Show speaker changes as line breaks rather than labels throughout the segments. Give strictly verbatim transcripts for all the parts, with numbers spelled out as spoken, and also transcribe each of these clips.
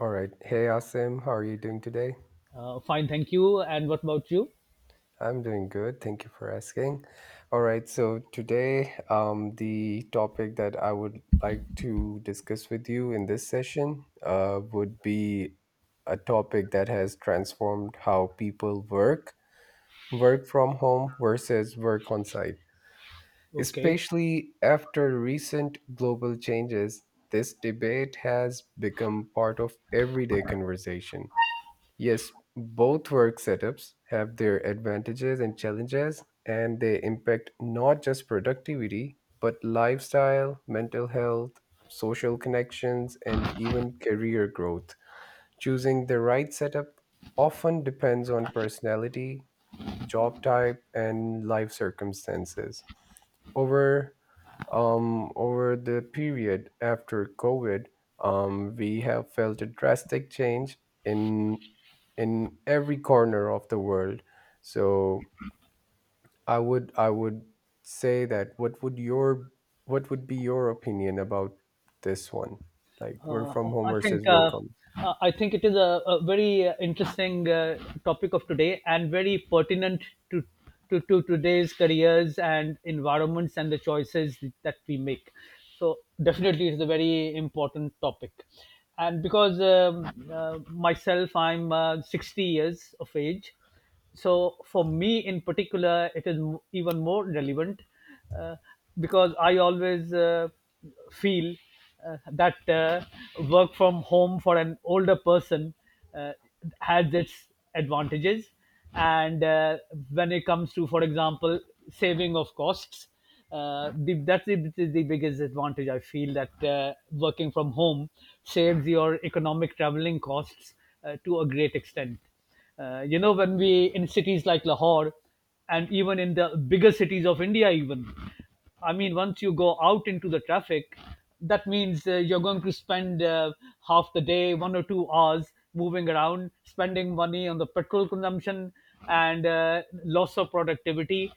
All right. Hey, Asim, how are you doing today?
Uh, fine, thank you. And what about you?
I'm doing good. Thank you for asking. All right. So, today, um, the topic that I would like to discuss with you in this session uh, would be a topic that has transformed how people work, work from home versus work on site.
Okay.
Especially after recent global changes, this debate has become part of everyday conversation. Yes, both work setups have their advantages and challenges, and they impact not just productivity, but lifestyle, mental health, social connections, and even career growth. Choosing the right setup often depends on personality, job type, and life circumstances. Over um, over the period after COVID, um, we have felt a drastic change in in every corner of the world. So I would I would say that what would your what would be your opinion about this one? Like work
uh,
from home
I think
versus
uh,
work on.
uh, I think it is a, a very uh, interesting uh, topic of today and very pertinent to, to to today's careers and environments and the choices that we make. So definitely, it's a very important topic. And because um, uh, myself, I'm uh, sixty years of age, so for me in particular it is m- even more relevant uh, because i always uh, feel uh, that uh, work from home for an older person uh, has its advantages. And uh, when it comes to, for example, saving of costs, uh, the, that's the, that is the biggest advantage I feel, that uh, working from home saves your economic traveling costs uh, to a great extent. Uh, you know, when we in cities like Lahore and even in the bigger cities of India, even, I mean, once you go out into the traffic, that means uh, you're going to spend uh, half the day, one or two hours moving around, spending money on the petrol consumption and uh, loss of productivity.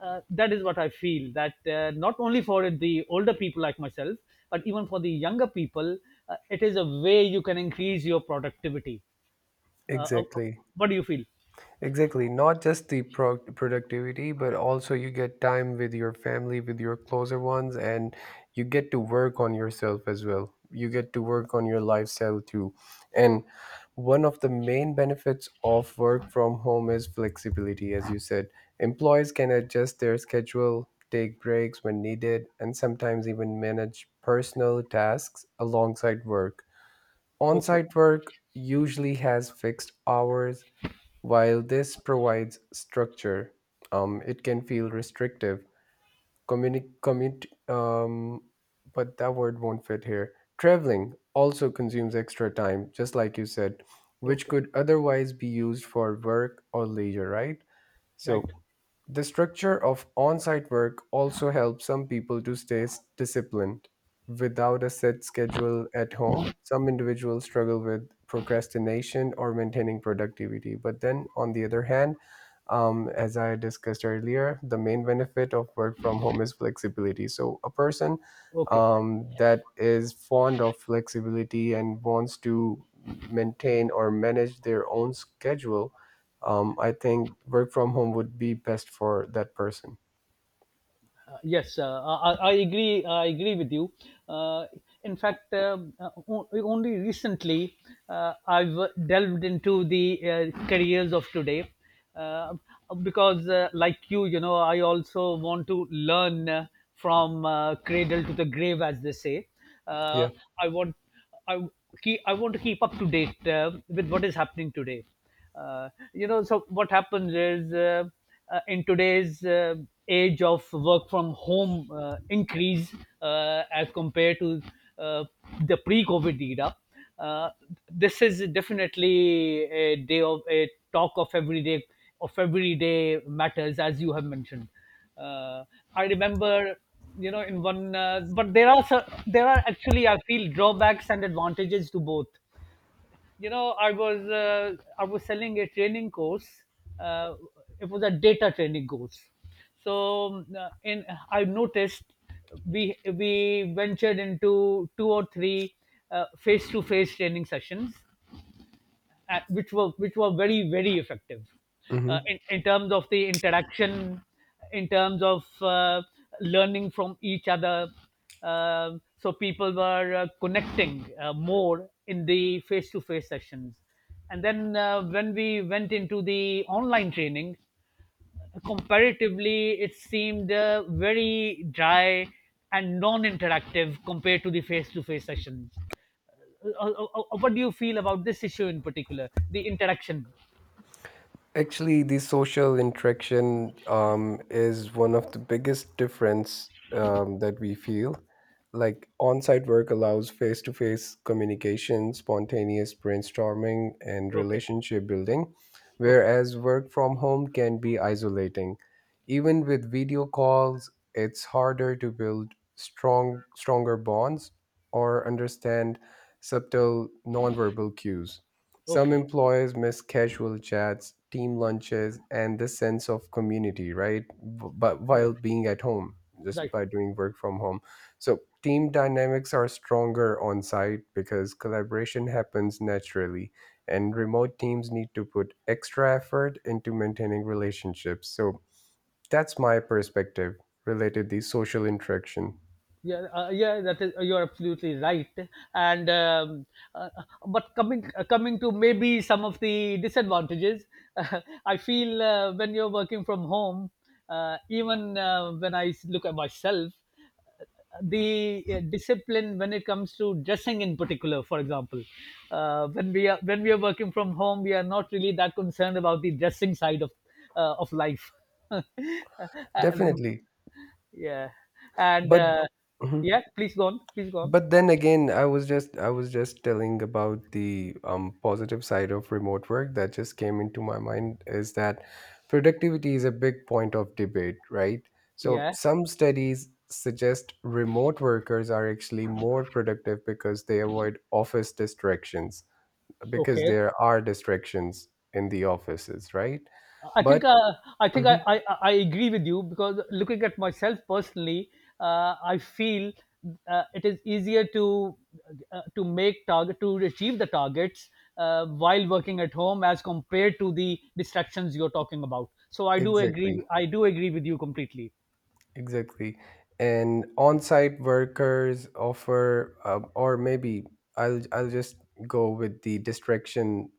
Uh, that is what I feel, that uh, not only for the older people like myself, but even for the younger people, uh, it is a way you can increase your productivity. Uh, uh,
Exactly.
what do you feel?
Exactly, not just the pro- productivity, but also you get time with your family, with your closer ones, and you get to work on yourself as well. You get to work on your lifestyle too. And one of the main benefits of work from home is flexibility, as you said. Employees can adjust their schedule, take breaks when needed, and sometimes even manage personal tasks alongside work. On
Okay,
site work usually has fixed hours while this provides structure, um, it can feel restrictive. Communi- commit, um, but that word won't fit here. Traveling also consumes extra time, just like you said, which
okay,
could otherwise be used for work or leisure, right?
right,
So, the structure of on site work also helps some people to stay s- disciplined. Without a set schedule at home, some individuals struggle with procrastination or maintaining productivity. But then, on the other hand, um, as I discussed earlier, the main benefit of work from home is flexibility. So, a person
okay.
um, that is fond of flexibility and wants to maintain or manage their own schedule, um, I think work from home would be best for that person.
Uh, yes, uh, I, I I agree. I agree with you. Uh, in fact, um, uh, o- only recently uh, I've delved into the uh, careers of today uh, because, uh, like you, you know, I also want to learn uh, from uh, cradle to the grave, as they say.
Yeah.
Uh, I want. I keep, I want to keep up to date uh, with what is happening today. Uh, you know, so what happens is, uh, uh, in today's uh, age of work from home uh, increase uh, as compared to uh, the pre-COVID era, uh, this is definitely a day of a talk of everyday of everyday matters, as you have mentioned. uh, I remember, you know, in one, uh, but there are cer- there are actually, I feel, drawbacks and advantages to both. You know, I was uh, I was selling a training course. Uh, it was a data training course. So uh, in I noticed we we ventured into two or three face to face training sessions, uh, which were which were very very effective uh,
Hmm.
in, in terms of the interaction, in terms of uh, learning from each other. Um so people were uh, connecting uh, more in the face to face sessions, and then uh, when we went into the online training, comparatively it seemed uh, very dry and non interactive compared to the face to face sessions. Uh, uh, uh, uh, what do you feel about this issue, in particular the interaction?
Actually, the social interaction um, is one of the biggest difference um, that we feel. Like on-site work allows face-to-face communication, spontaneous brainstorming, and
Okay.
relationship building,
Okay.
whereas work from home can be isolating. Even with video calls, it's harder to build strong, stronger bonds or understand subtle nonverbal cues. Some
Okay.
employers miss casual chats, team lunches, and the sense of community, right? B- But
Right.
while being at home, just
Right.
by doing work from home. So team dynamics are stronger on site because collaboration happens naturally, and remote teams need to put extra effort into maintaining relationships. So that's my perspective related to social interaction.
yeah uh, yeah that is, you're absolutely right. And um, uh, but coming, uh, coming to maybe some of the disadvantages, I feel uh, when you're working from home, uh, even uh, when i s- look at myself, uh, the uh, discipline when it comes to dressing, in particular, for example, uh, when we are when we are working from home, we are not really that concerned about the dressing side of, uh, of life. Uh,
Definitely.
yeah, and
But
uh,
mm-hmm.
yeah, please go on, please go on.
But then again, i was just i was just telling about the um, positive side of remote work that just came into my mind is that productivity is a big point of debate, right? So
Yeah,
some studies suggest remote workers are actually more productive because they avoid office distractions, because
okay.
there are distractions in the offices, right?
I think
But
uh, I think I,
mhm,
I I agree with you, because looking at myself personally, uh, I feel uh, it is easier to, uh, to make target, to achieve the targets uh, while working at home as compared to the distractions you're talking about. So I do agree.
exactly.
I do agree with you completely.
Exactly. And on-site workers offer, uh, or maybe I'll I'll just go with the distraction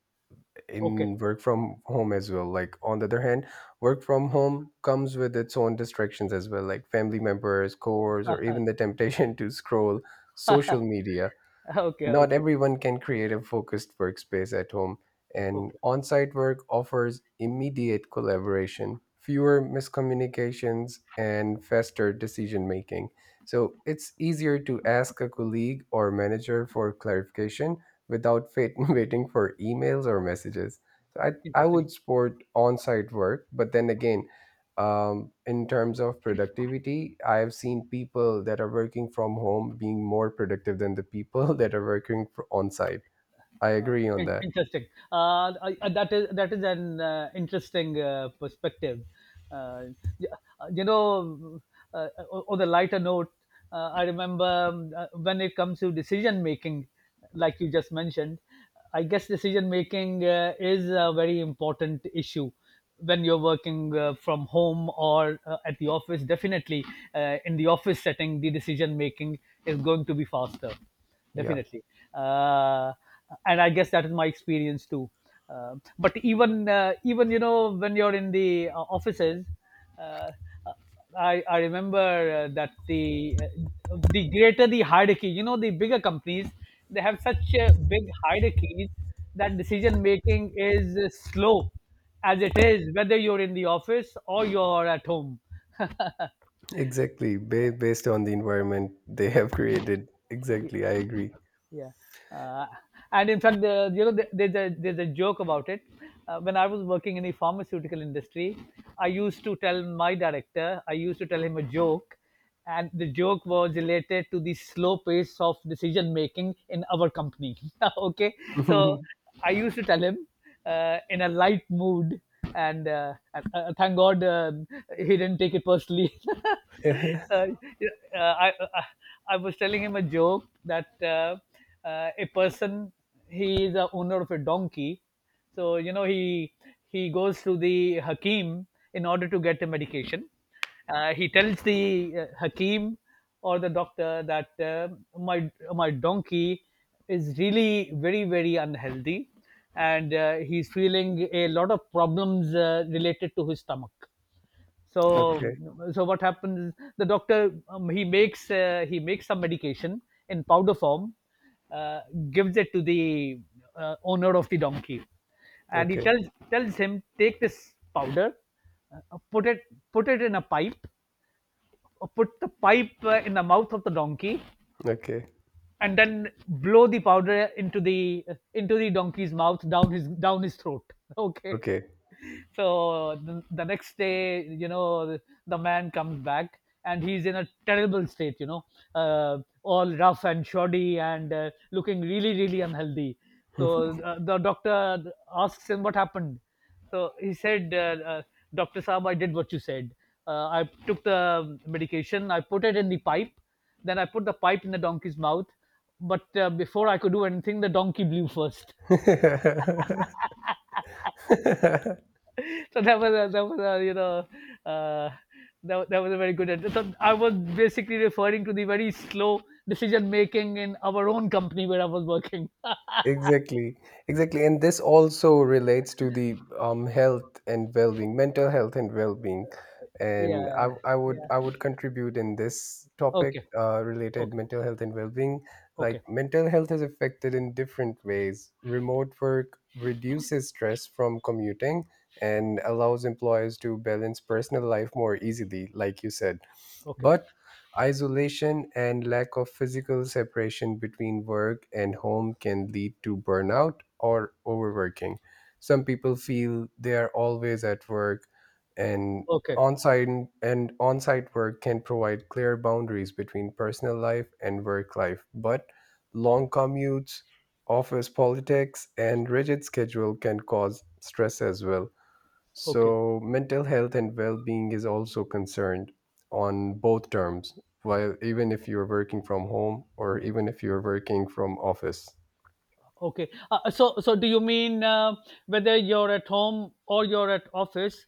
Okay.
in work from home as well. Like on the other hand, work from home comes with its own distractions as well, like family members, chores, or even the temptation to scroll social media.
Okay,
Not
okay,
everyone can create a focused workspace at home, and
okay.
on site work offers immediate collaboration, fewer miscommunications, and faster decision making. So it's easier to ask a colleague or manager for clarification without fa- waiting for emails or messages. So I, I
Interesting.
would support on site work, but then again, um, in terms of productivity I've seen people that are working from home being more productive than the people that are working fr- on site. I
Uh,
agree on
in-
that.
Interesting. Uh, I- I- that is, that is an uh, interesting uh, perspective. Uh, y- uh, you know, uh, o- on the lighter note, uh, I remember, um, uh, when it comes to decision making, like you just mentioned, I guess decision making uh, is a very important issue when you're working uh, from home or uh, at the office. Definitely, uh, in the office setting, the decision making is going to be faster,
Yeah,
definitely. Uh, and I guess that is my experience too. Uh, but even uh, even, you know, when you're in the uh, offices, uh, I I remember uh, that the uh, the greater the hierarchy, you know, the bigger companies, they have such uh, big hierarchies that decision making is uh, slow as it is, whether you're in the office or you're at home.
exactly. Ba- based on the environment they have created. Exactly, I agree.
Yeah, uh, and in fact, the, you know, the, there's a there's a joke about it. Uh, when I was working in the pharmaceutical industry, I used to tell my director, I used to tell him a joke, and the joke was related to the slow pace of decision making in our company. Okay, so I used to tell him uh, in a light mood, and uh, and, uh, thank God uh, he didn't take it personally. uh, uh, I, I I was telling him a joke that, uh, uh, a person, he is the owner of a donkey. So you know, he he goes to the Hakim in order to get a medication. Uh, he tells the uh, Hakim, or the doctor, that uh, my my donkey is really very very unhealthy, and uh, he's feeling a lot of problems uh, related to his stomach. So,
Okay.
so what happens? Is The doctor, um, he makes uh, he makes some medication in powder form, uh, gives it to the uh, owner of the donkey, and he
Okay.
tells tells him, take this powder, uh, put it put it in a pipe, put the pipe uh, in the mouth of the donkey,
Okay.
and then blow the powder into the into the donkey's mouth, down his down his throat. Okay,
Okay.
so the, the next day, you know, the, the man comes back and he's in a terrible state, you know, uh, all rough and shoddy and uh, looking really really unhealthy. So uh, the doctor asks him what happened. So he said, uh, uh, Doctor Saab, I did what you said. Uh, I took the medication, I put it in the pipe, then I put the pipe in the donkey's mouth. But uh, before I could do anything, the donkey blew first. So that was a, that was a you know uh, that, that was a very good ad- so i was basically referring to the very slow decision making in our own company where I was working.
Exactly, exactly. And this also relates to the um, health and well-being, mental health and well-being. And I,
Yeah,
I would I
yeah.
would contribute in this topic
Okay,
uh, related
okay,
mental health and well-being.
okay,
Like mental health is affected in different ways. Remote work reduces stress from commuting and allows employers to balance personal life more easily, like you said.
okay,
But isolation and lack of physical separation between work and home can lead to burnout or overworking. Some people feel they are always at work, and
okay,
on-site and on-site work can provide clear boundaries between personal life and work life, but long commutes, office politics and rigid schedule can cause stress as well.
okay,
So, mental health and well being is also concerned on both terms, while even if you're working from home or even if you're working from office.
okay. Uh, so so do you mean, uh, whether you're at home or you're at office,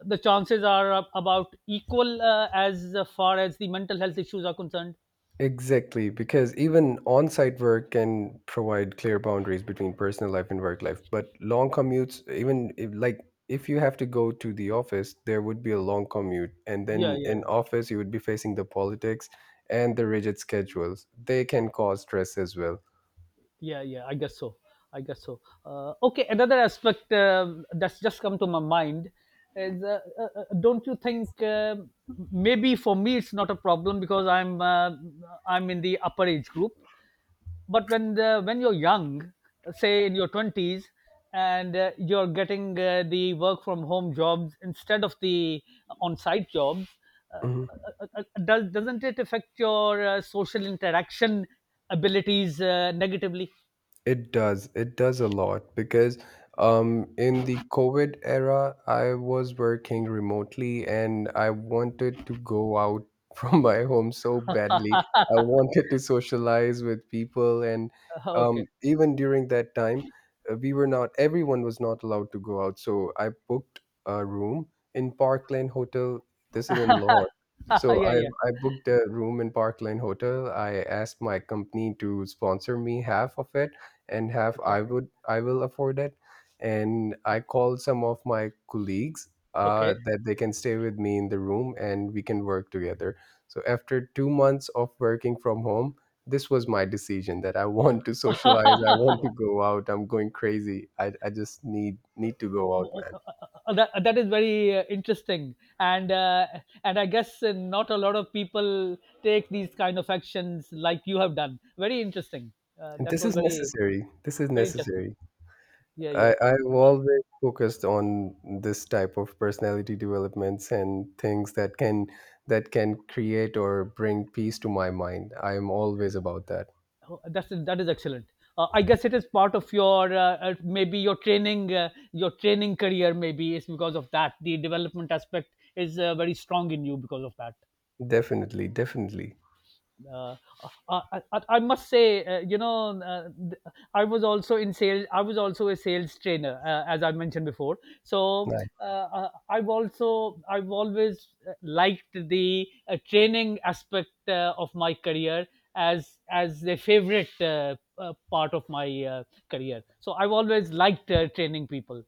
the chances are ab- about equal uh, as far as the mental health issues are concerned?
Exactly, because even on site work can provide clear boundaries between personal life and work life. But long commutes, even if, like, if you have to go to the office, there would be a long commute. And
Yeah,
then in
yeah.
office, you would be facing the politics and the rigid schedules. They can cause stress as well.
Yeah, yeah, I guess so. I guess so. Uh, okay, another aspect um that's just come to my mind is, uh, uh, uh, don't you think, uh, maybe for me it's not a problem because I'm uh, I'm in the upper age group, but when the, when you're young, say in your twenties, and uh, you're getting uh, the work from home jobs instead of the on site jobs, uh,
Mhm.
uh, uh, does, doesn't it affect your uh, social interaction abilities uh, negatively?
It does. It does a lot because um, in the COVID era, I was working remotely and I wanted to go out from my home so badly. I wanted to socialize with people. And
Uh, Okay.
um, even during that time, uh, we were not, everyone was not allowed to go out. So I booked a room in Parkland Hotel. This is in Lahore. So
Yeah,
I,
yeah.
I booked a room in Parkland Hotel. I asked my company to sponsor me half of it and half
Okay.
I would I will afford it. And I called some of my colleagues uh,
Okay.
that they can stay with me in the room and we can work together. So after two months of working from home, this was my decision that I want to socialize. I want to go out. I'm going crazy. I, I just need need to go out,
O- o-
man.
o- That, that is very uh, interesting, and uh, and I guess uh, not a lot of people take these kind of actions like you have done. Very interesting. Uh,
And
that
this
was
is
very
necessary. This is
very interesting.
necessary.
Yeah, yeah.
I, I've always focused on this type of personality developments and things that can that can create or bring peace to my mind. I'm always about that.
Uh, oh, that's, that is excellent. Uh, I guess it is part of your, uh, uh, maybe your training, uh, your training career. Maybe it's because of that, the development aspect is uh, very strong in you because of that.
Definitely, definitely.
uh, uh, I, I, I must say, uh, you know, uh, I was also in sales. I was also a sales trainer, uh, as I mentioned before. So,
Nice.
uh, uh, I've also I've always uh, liked the uh, training aspect uh, of my career as as a favorite, uh, uh, part of my uh, career. So I've always liked uh, training people.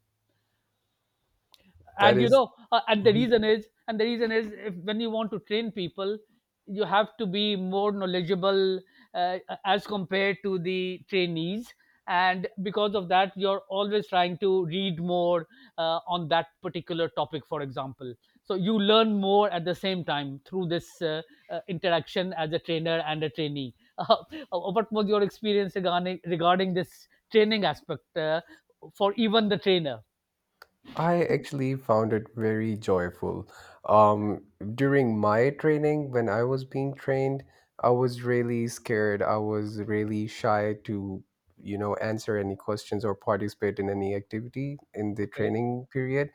That
And you
is-
know, uh, and the
Mhm.
reason is and the reason is if, when you want to train people, you have to be more knowledgeable uh, as compared to the trainees. And because of that, you're always trying to read more uh, on that particular topic, for example. So you learn more at the same time through this, uh, uh, interaction as a trainer and a trainee. Uh, what was your experience regarding regarding this training aspect uh, for even the trainer?
I actually found it very joyful. Um, during my training, when I was being trained, I was really scared. I was really shy to, you know, answer any questions or participate in any activity in the
Okay.
training period.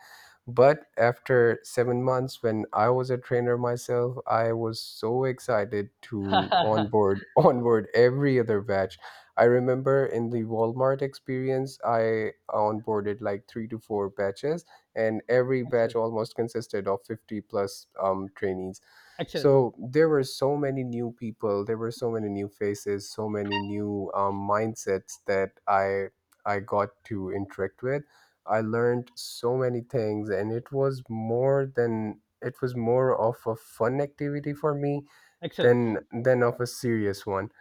But after seven months, when I was a trainer myself, I was so excited to onboard onboard every other batch. I remember in the Walmart experience, I onboarded like three to four batches, and every batch
Excellent,
almost consisted of fifty plus um, trainees.
excellent,
So there were so many new people, there were so many new faces, so many new um, mindsets that I I got to interact with. I learned so many things, and it was more than it was more of a fun activity for me
excellent,
than than of a serious one.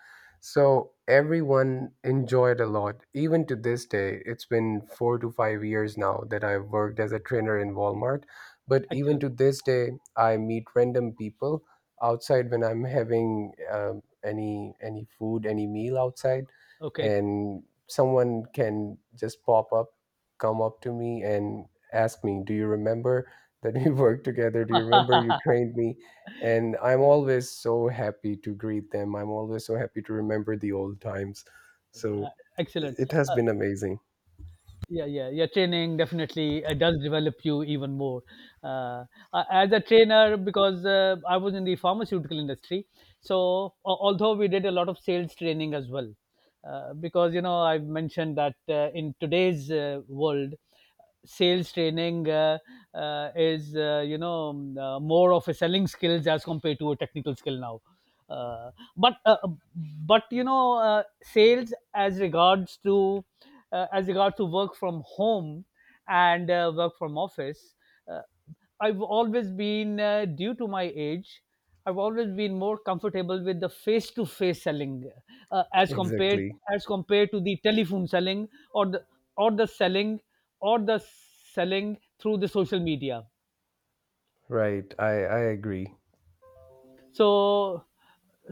So everyone enjoyed a lot. Even to this day, it's been four to five years now that I've worked as a trainer in Walmart. But even
excellent.
to this day, I meet random people outside when I'm having um, any any food, any meal outside,
Okay.
and someone can just pop up, come up to me and ask me, "Do you remember that we worked together? Do you remember you trained me?" And I'm always so happy to greet them. I'm always so happy to remember the old times. So
Uh, Excellent.
it has
Uh,
been amazing.
yeah, yeah, yeah. Training definitely uh, does develop you even more. Uh, uh, as a trainer, because uh, I was in the pharmaceutical industry, so a- although we did a lot of sales training as well, uh, because you know I've mentioned that uh, in today's uh, world, sales training uh, uh, is uh, you know um, uh, more of a selling skills as compared to a technical skill now, uh, but uh, but you know uh, sales as regards to uh, as regards to work from home and uh, work from office. Uh, I've always been uh, Due to my age, I've always been more comfortable with the face to face selling, uh, as compared
Exactly,
as compared to the telephone selling, or the or the selling or the selling through the social media.
right, i i agree.
so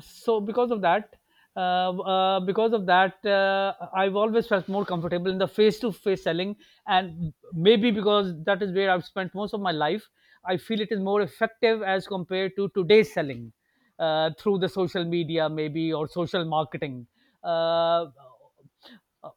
so because of that uh, uh, because of that, uh, I've always felt more comfortable in the face to face selling, and maybe because that is where I've spent most of my life, I feel it is more effective as compared to today's selling uh, through the social media, maybe, or social marketing. uh, uh,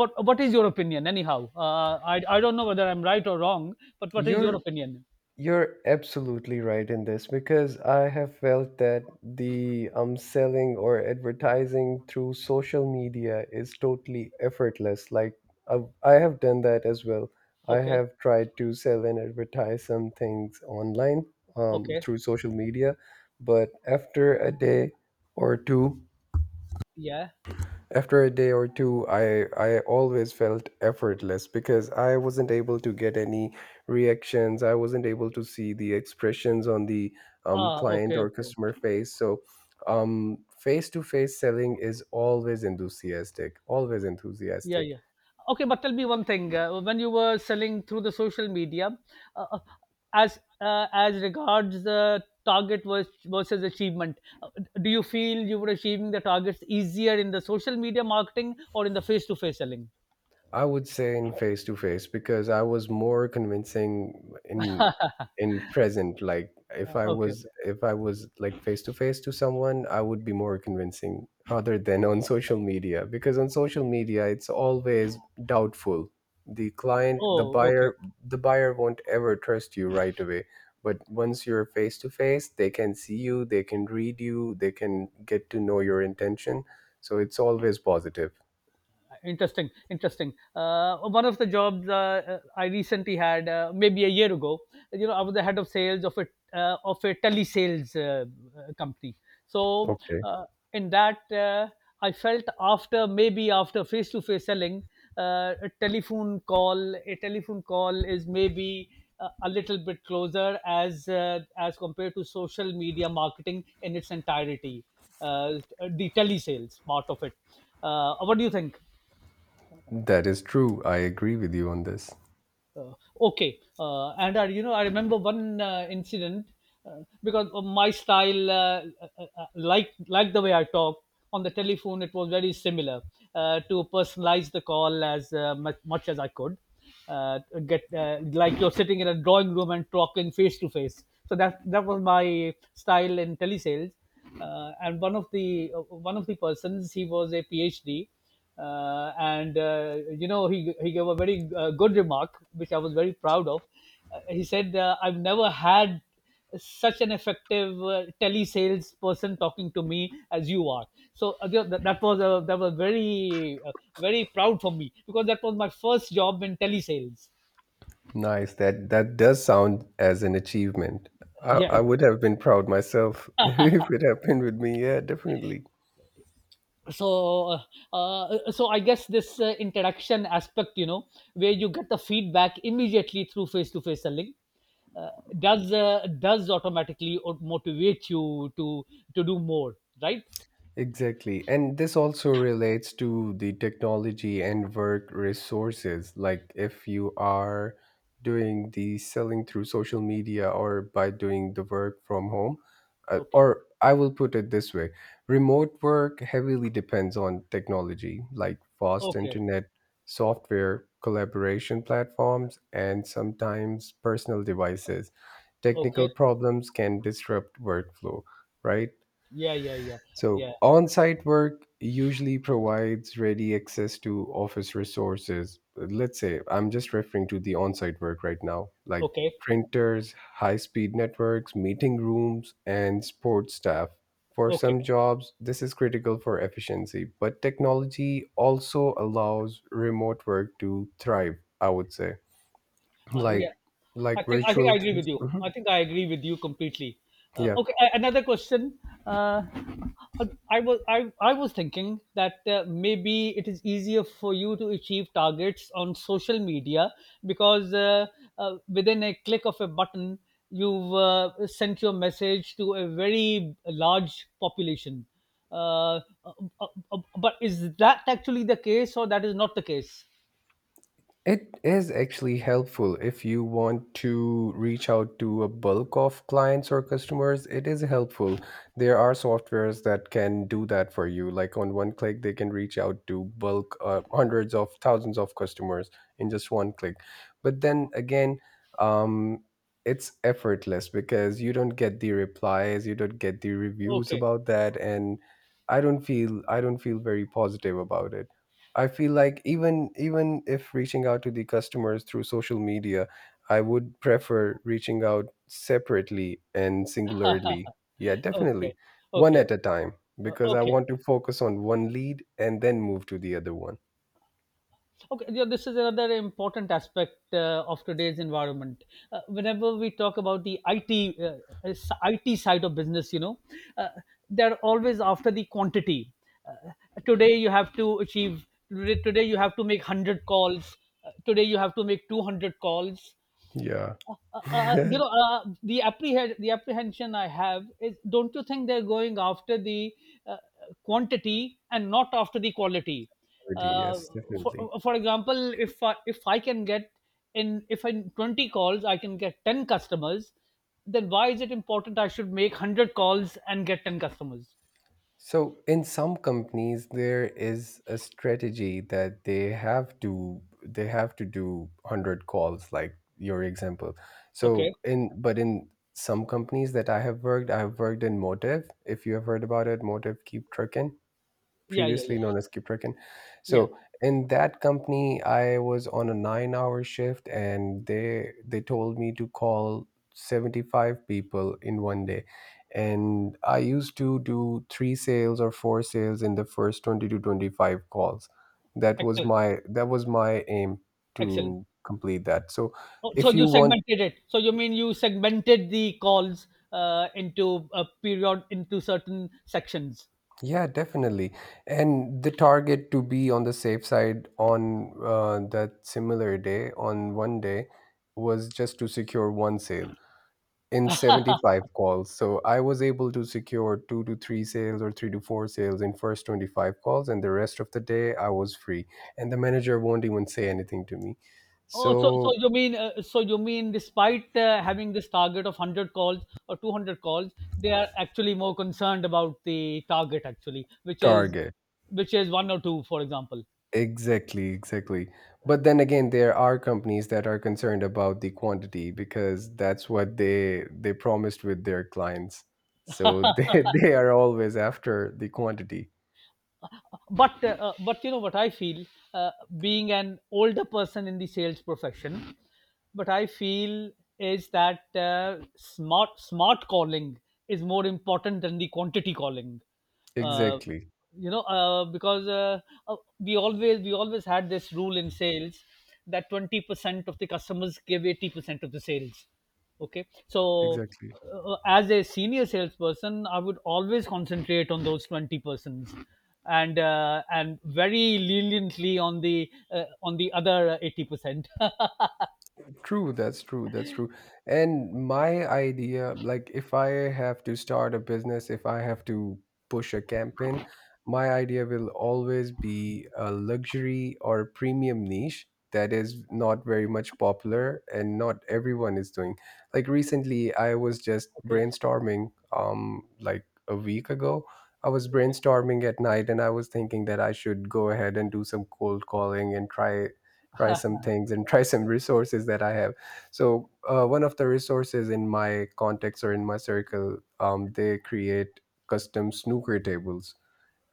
but what is your opinion anyhow? uh, I, I don't know whether I'm right or wrong, but what is your
you're
opinion?
You're absolutely right in this because I have felt that the um selling or advertising through social media is totally effortless. Like I, I have done that as well. I
Okay,
have tried to sell and advertise some things online um
okay.
through social media, but after a day or two,
Yeah.
after a day or two, I, I always felt effortless because I wasn't able to get any reactions. I wasn't able to see the expressions on the um,
Ah,
client
okay,
or
okay.
customer face. So, um, face to face selling is always enthusiastic, always
Yeah,
enthusiastic.
yeah. Okay, but tell me one thing. Uh, when you were selling through the social media, uh, uh, as uh, as regards the target vers- versus achievement, uh, do you feel you were achieving the targets easier in the social media marketing or in the face to face selling?
I would say in face to face because I was more convincing in in present. Like if
Uh,
I
okay,
was
okay.
if I was like face to face to someone, I would be more convincing rather than on social media because on social media it's always doubtful. The client, the
Oh, okay.
buyer, the buyer won't ever trust you right away. But once you're face to face, they can see you, they can read you, they can get to know your intention. So it's always positive.
Interesting, interesting. Uh, one of the jobs uh, uh, I recently had, uh, maybe a year ago, you know, I was the head of sales of a uh, of a telesales uh, uh, company. So,
Okay.
uh, in that, uh, I felt after, maybe, after face to face selling, uh, a telephone call, a telephone call is, maybe, uh, a little bit closer as uh, as compared to social media marketing in its entirety. Uh, the telesales part of it. Uh, what do you think?
That is true. I agree with you on this.
Uh, okay, uh, and I, you know, I remember one uh, incident, uh, because of my style, uh, uh, uh, like like the way I talk on the telephone, it was very similar, uh, to personalize the call as uh, much, much as I could. Uh, get, uh, like you're sitting in a drawing room and talking face to face. So that that was my style in telesales. Uh, and one of the uh, one of the persons, he was a PhD, uh, and uh, you know, he he gave a very uh, good remark which I was very proud of. Uh, he said, uh, "I've never had such an effective uh, telesales person talking to me as you are." So uh, th- that that was a, that was very uh, very proud for me because that was my first job in telesales.
Nice. That that does sound as an achievement.
Uh,
I,
yeah.
I would have been proud myself if it happened with me. Yeah, definitely.
So, uh, uh, so I guess this uh, interaction aspect, you know, where you get the feedback immediately through face-to-face selling, uh, does uh, does automatically o- motivate you to to do more, right?
Exactly. And this also relates to the technology and work resources. Like if you are doing the selling through social media or by doing the work from home, uh,
Okay,
or I will put it this way, remote work heavily depends on technology like fast
okay,
internet, software, collaboration platforms, and sometimes personal devices.
okay.
Technical problems can disrupt workflow, right?
Yeah, yeah, yeah,
So,
yeah.
on site work usually provides ready access to office resources. Let's say I'm just referring to the on site work right now, like
Okay,
printers, high speed networks, meeting rooms, and support staff. For
okay.
some jobs, this is critical for efficiency, but technology also allows remote work to thrive, I would say.
Uh, yeah,
Like
I
like
think I think
virtual
I agree with
tools.
you.
Mhm.
I think I agree with you completely. Uh,
Yeah.
okay, a- another question. Uh, I was I, I was thinking that uh, maybe it is easier for you to achieve targets on social media because uh, uh, within a click of a button, you've uh, sent your message to a very large population. Uh, uh, uh, uh, but is that actually the case, or that is not the case?
It is actually helpful if you want to reach out to a bulk of clients or customers. It is helpful. There are softwares that can do that for you. Like on one click, they can reach out to bulk uh, hundreds of thousands of customers in just one click. But then again, um, it's effortless because you don't get the replies, you don't get the reviews
Okay,
about that, and I don't feel I don't feel very positive about it. I feel like even even if reaching out to the customers through social media, I would prefer reaching out separately and singularly. Yeah,
okay,
definitely. One
okay.
at a time,
Uh,
because I
okay,
want to focus on one lead and then move to the other one.
okay, yeah, this is another important aspect uh, of today's environment, uh, whenever we talk about the it uh, s- it side of business, you know, uh, they're always after the quantity. uh, Today you have to achieve, today today you have to make one hundred calls, uh, today you have to make two hundred calls.
Yeah.
Uh, uh, uh, uh, you
Already,
know, uh, the apprehend the apprehension I have is, don't you think they're going after the uh, quantity and not after the quality? Uh,
yes,
for
definitely.
for example, if I, if I can get in if in twenty calls I can get ten customers, then why is it important I should make one hundred calls and get ten customers?
So, in some companies, there is a strategy that they have to they have to do one hundred calls, like your example. So,
Okay.
in but in some companies that I have worked, I have worked in Motive. If you have heard about it, Motive Keep Trucking,
Yeah, yeah,
previously
yeah,
known as Kipreken.
yeah.
So in that company, I was on a nine-hour shift, and they they told me to call seventy-five people in one day. And I used to do three sales or four sales in the first twenty to twenty-five calls. That was
Excellent,
my that was my aim
excellent.
to complete that. So,
Oh, so
if you
you
want.
segmented it. So you mean you segmented the calls uh, into a period, into certain sections.
Yeah, definitely. And the target, to be on the safe side on uh, that similar day, on one day, was just to secure one sale in seventy-five calls. So I was able to secure two to three sales or three to four sales in first twenty-five calls, and the rest of the day I was free. And the manager won't even say anything to me.
Oh, so so
So,
you mean uh, so you mean despite uh, having this target of one hundred calls or two hundred calls, they are actually more concerned about the target, actually, which is,
target.
which is one or two, for example.
Exactly, exactly. But then again, there are companies that are concerned about the quantity because that's what they they promised with their clients. So they they are always after the quantity.
but uh, uh, but you know what I feel, uh, being an older person in the sales profession, what I feel is that uh, smart smart calling is more important than the quantity calling. Uh,
Exactly.
you know, uh, because uh, uh, we always we always had this rule in sales that twenty percent of the customers give eighty percent of the sales. Okay, so
Exactly.
uh, as a senior salesperson I would always concentrate on those twenty persons, and uh, and very leniently on the uh, on the other eighty percent.
True, that's true, that's true. And my idea, like if I have to start a business, if I have to push a campaign, my idea will always be a luxury or premium niche that is not very much popular and not everyone is doing. Like recently, I was just
Okay,
brainstorming, um, like a week ago. I was
okay.
brainstorming at night and I was thinking that I should go ahead and do some cold calling and try try some things and try some resources that I have. So uh, one of the resources in my context or in my circle, um, they create custom snooker tables,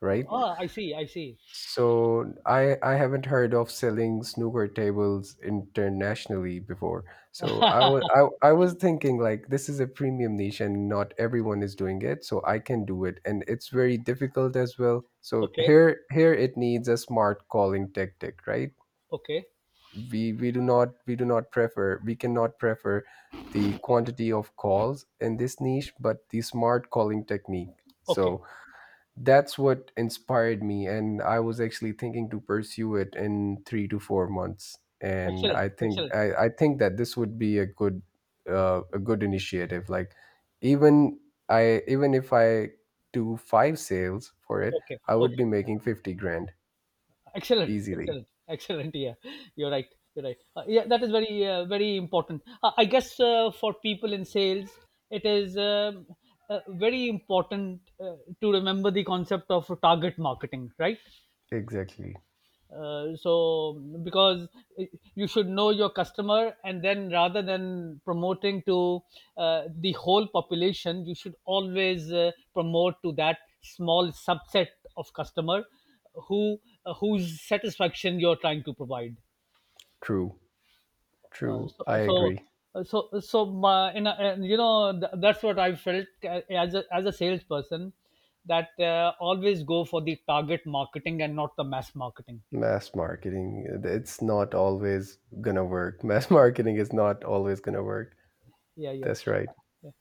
right? Yeah.
Oh, I see, I see.
So I I haven't heard of selling snooker tables internationally before. So I was I, I was thinking like this is a premium niche and not everyone is doing it, so I can do it. And it's very difficult as well. So
Okay,
here here it needs a smart calling tactic, right?
okay,
we we do not we do not prefer we cannot prefer the quantity of calls in this niche, but the smart calling technique.
okay.
So that's what inspired me, and I was actually thinking to pursue it in three to four months. And
Excellent,
i think
excellent.
i, I think that this would be a good uh, a good initiative. Like, even I even if I do five sales for it,
Okay,
I would be
okay.
making fifty grand
Excellent,
easily.
excellent, excellent. Yeah, you're right. You're right. Uh, yeah, that is very, uh, very important. Uh, I guess uh, for people in sales, it is, um, uh, very important, uh, to remember the concept of target marketing, right?
Exactly.
Uh, so, because you should know your customer, and then rather than promoting to uh, the whole population, you should always uh, promote to that small subset of customer who, uh, whose satisfaction you're trying to provide.
true
uh,
true I
so so
agree.
so so my, in a, and, you know th- That's what I felt uh, as a, as a salesperson, that uh, always go for the target marketing and not the mass marketing.
Mass marketing, it's not always gonna work. Mass marketing is not always gonna work.
Yeah, yeah.
That's right.
Uh, yeah.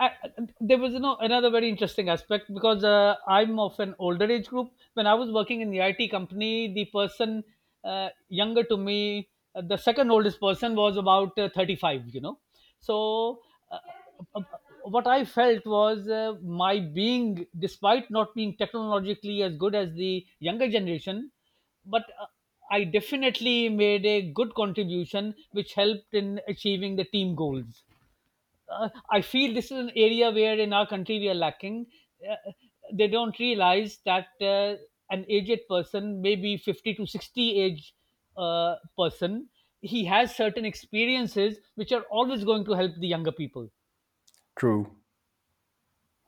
I, I- there was, you know, another very interesting aspect because uh, I'm of an older age group. When I was working in the I T company, the person uh, younger to me, uh, the second oldest person was about uh, thirty-five, you know. So, uh, uh, uh, what I felt was uh, my being, despite not being technologically as good as the younger generation, but uh, I definitely made a good contribution which helped in achieving the team goals. uh, I feel this is an area where in our country we are lacking. Uh, they don't realize that uh, an aged person, maybe fifty to sixty age uh, person, he has certain experiences which are always going to help the younger people.
True,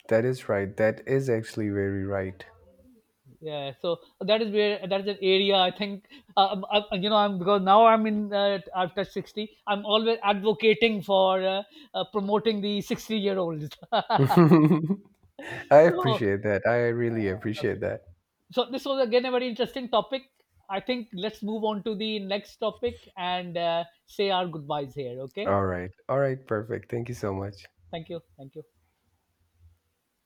that is right. That is actually very right.
Yeah, so that is where, that is an area I think, uh, I, you know I'm because now I'm in uh, I've touched sixty. I'm always advocating for, uh, uh, promoting the sixty year olds.
I
So, uh,
appreciate that. I really
okay.
appreciate that.
So this was again a very interesting topic. I think let's move on to the next topic and uh, say our goodbyes here, okay?
All right, all right, perfect. Thank you so much.
Thank you, thank you.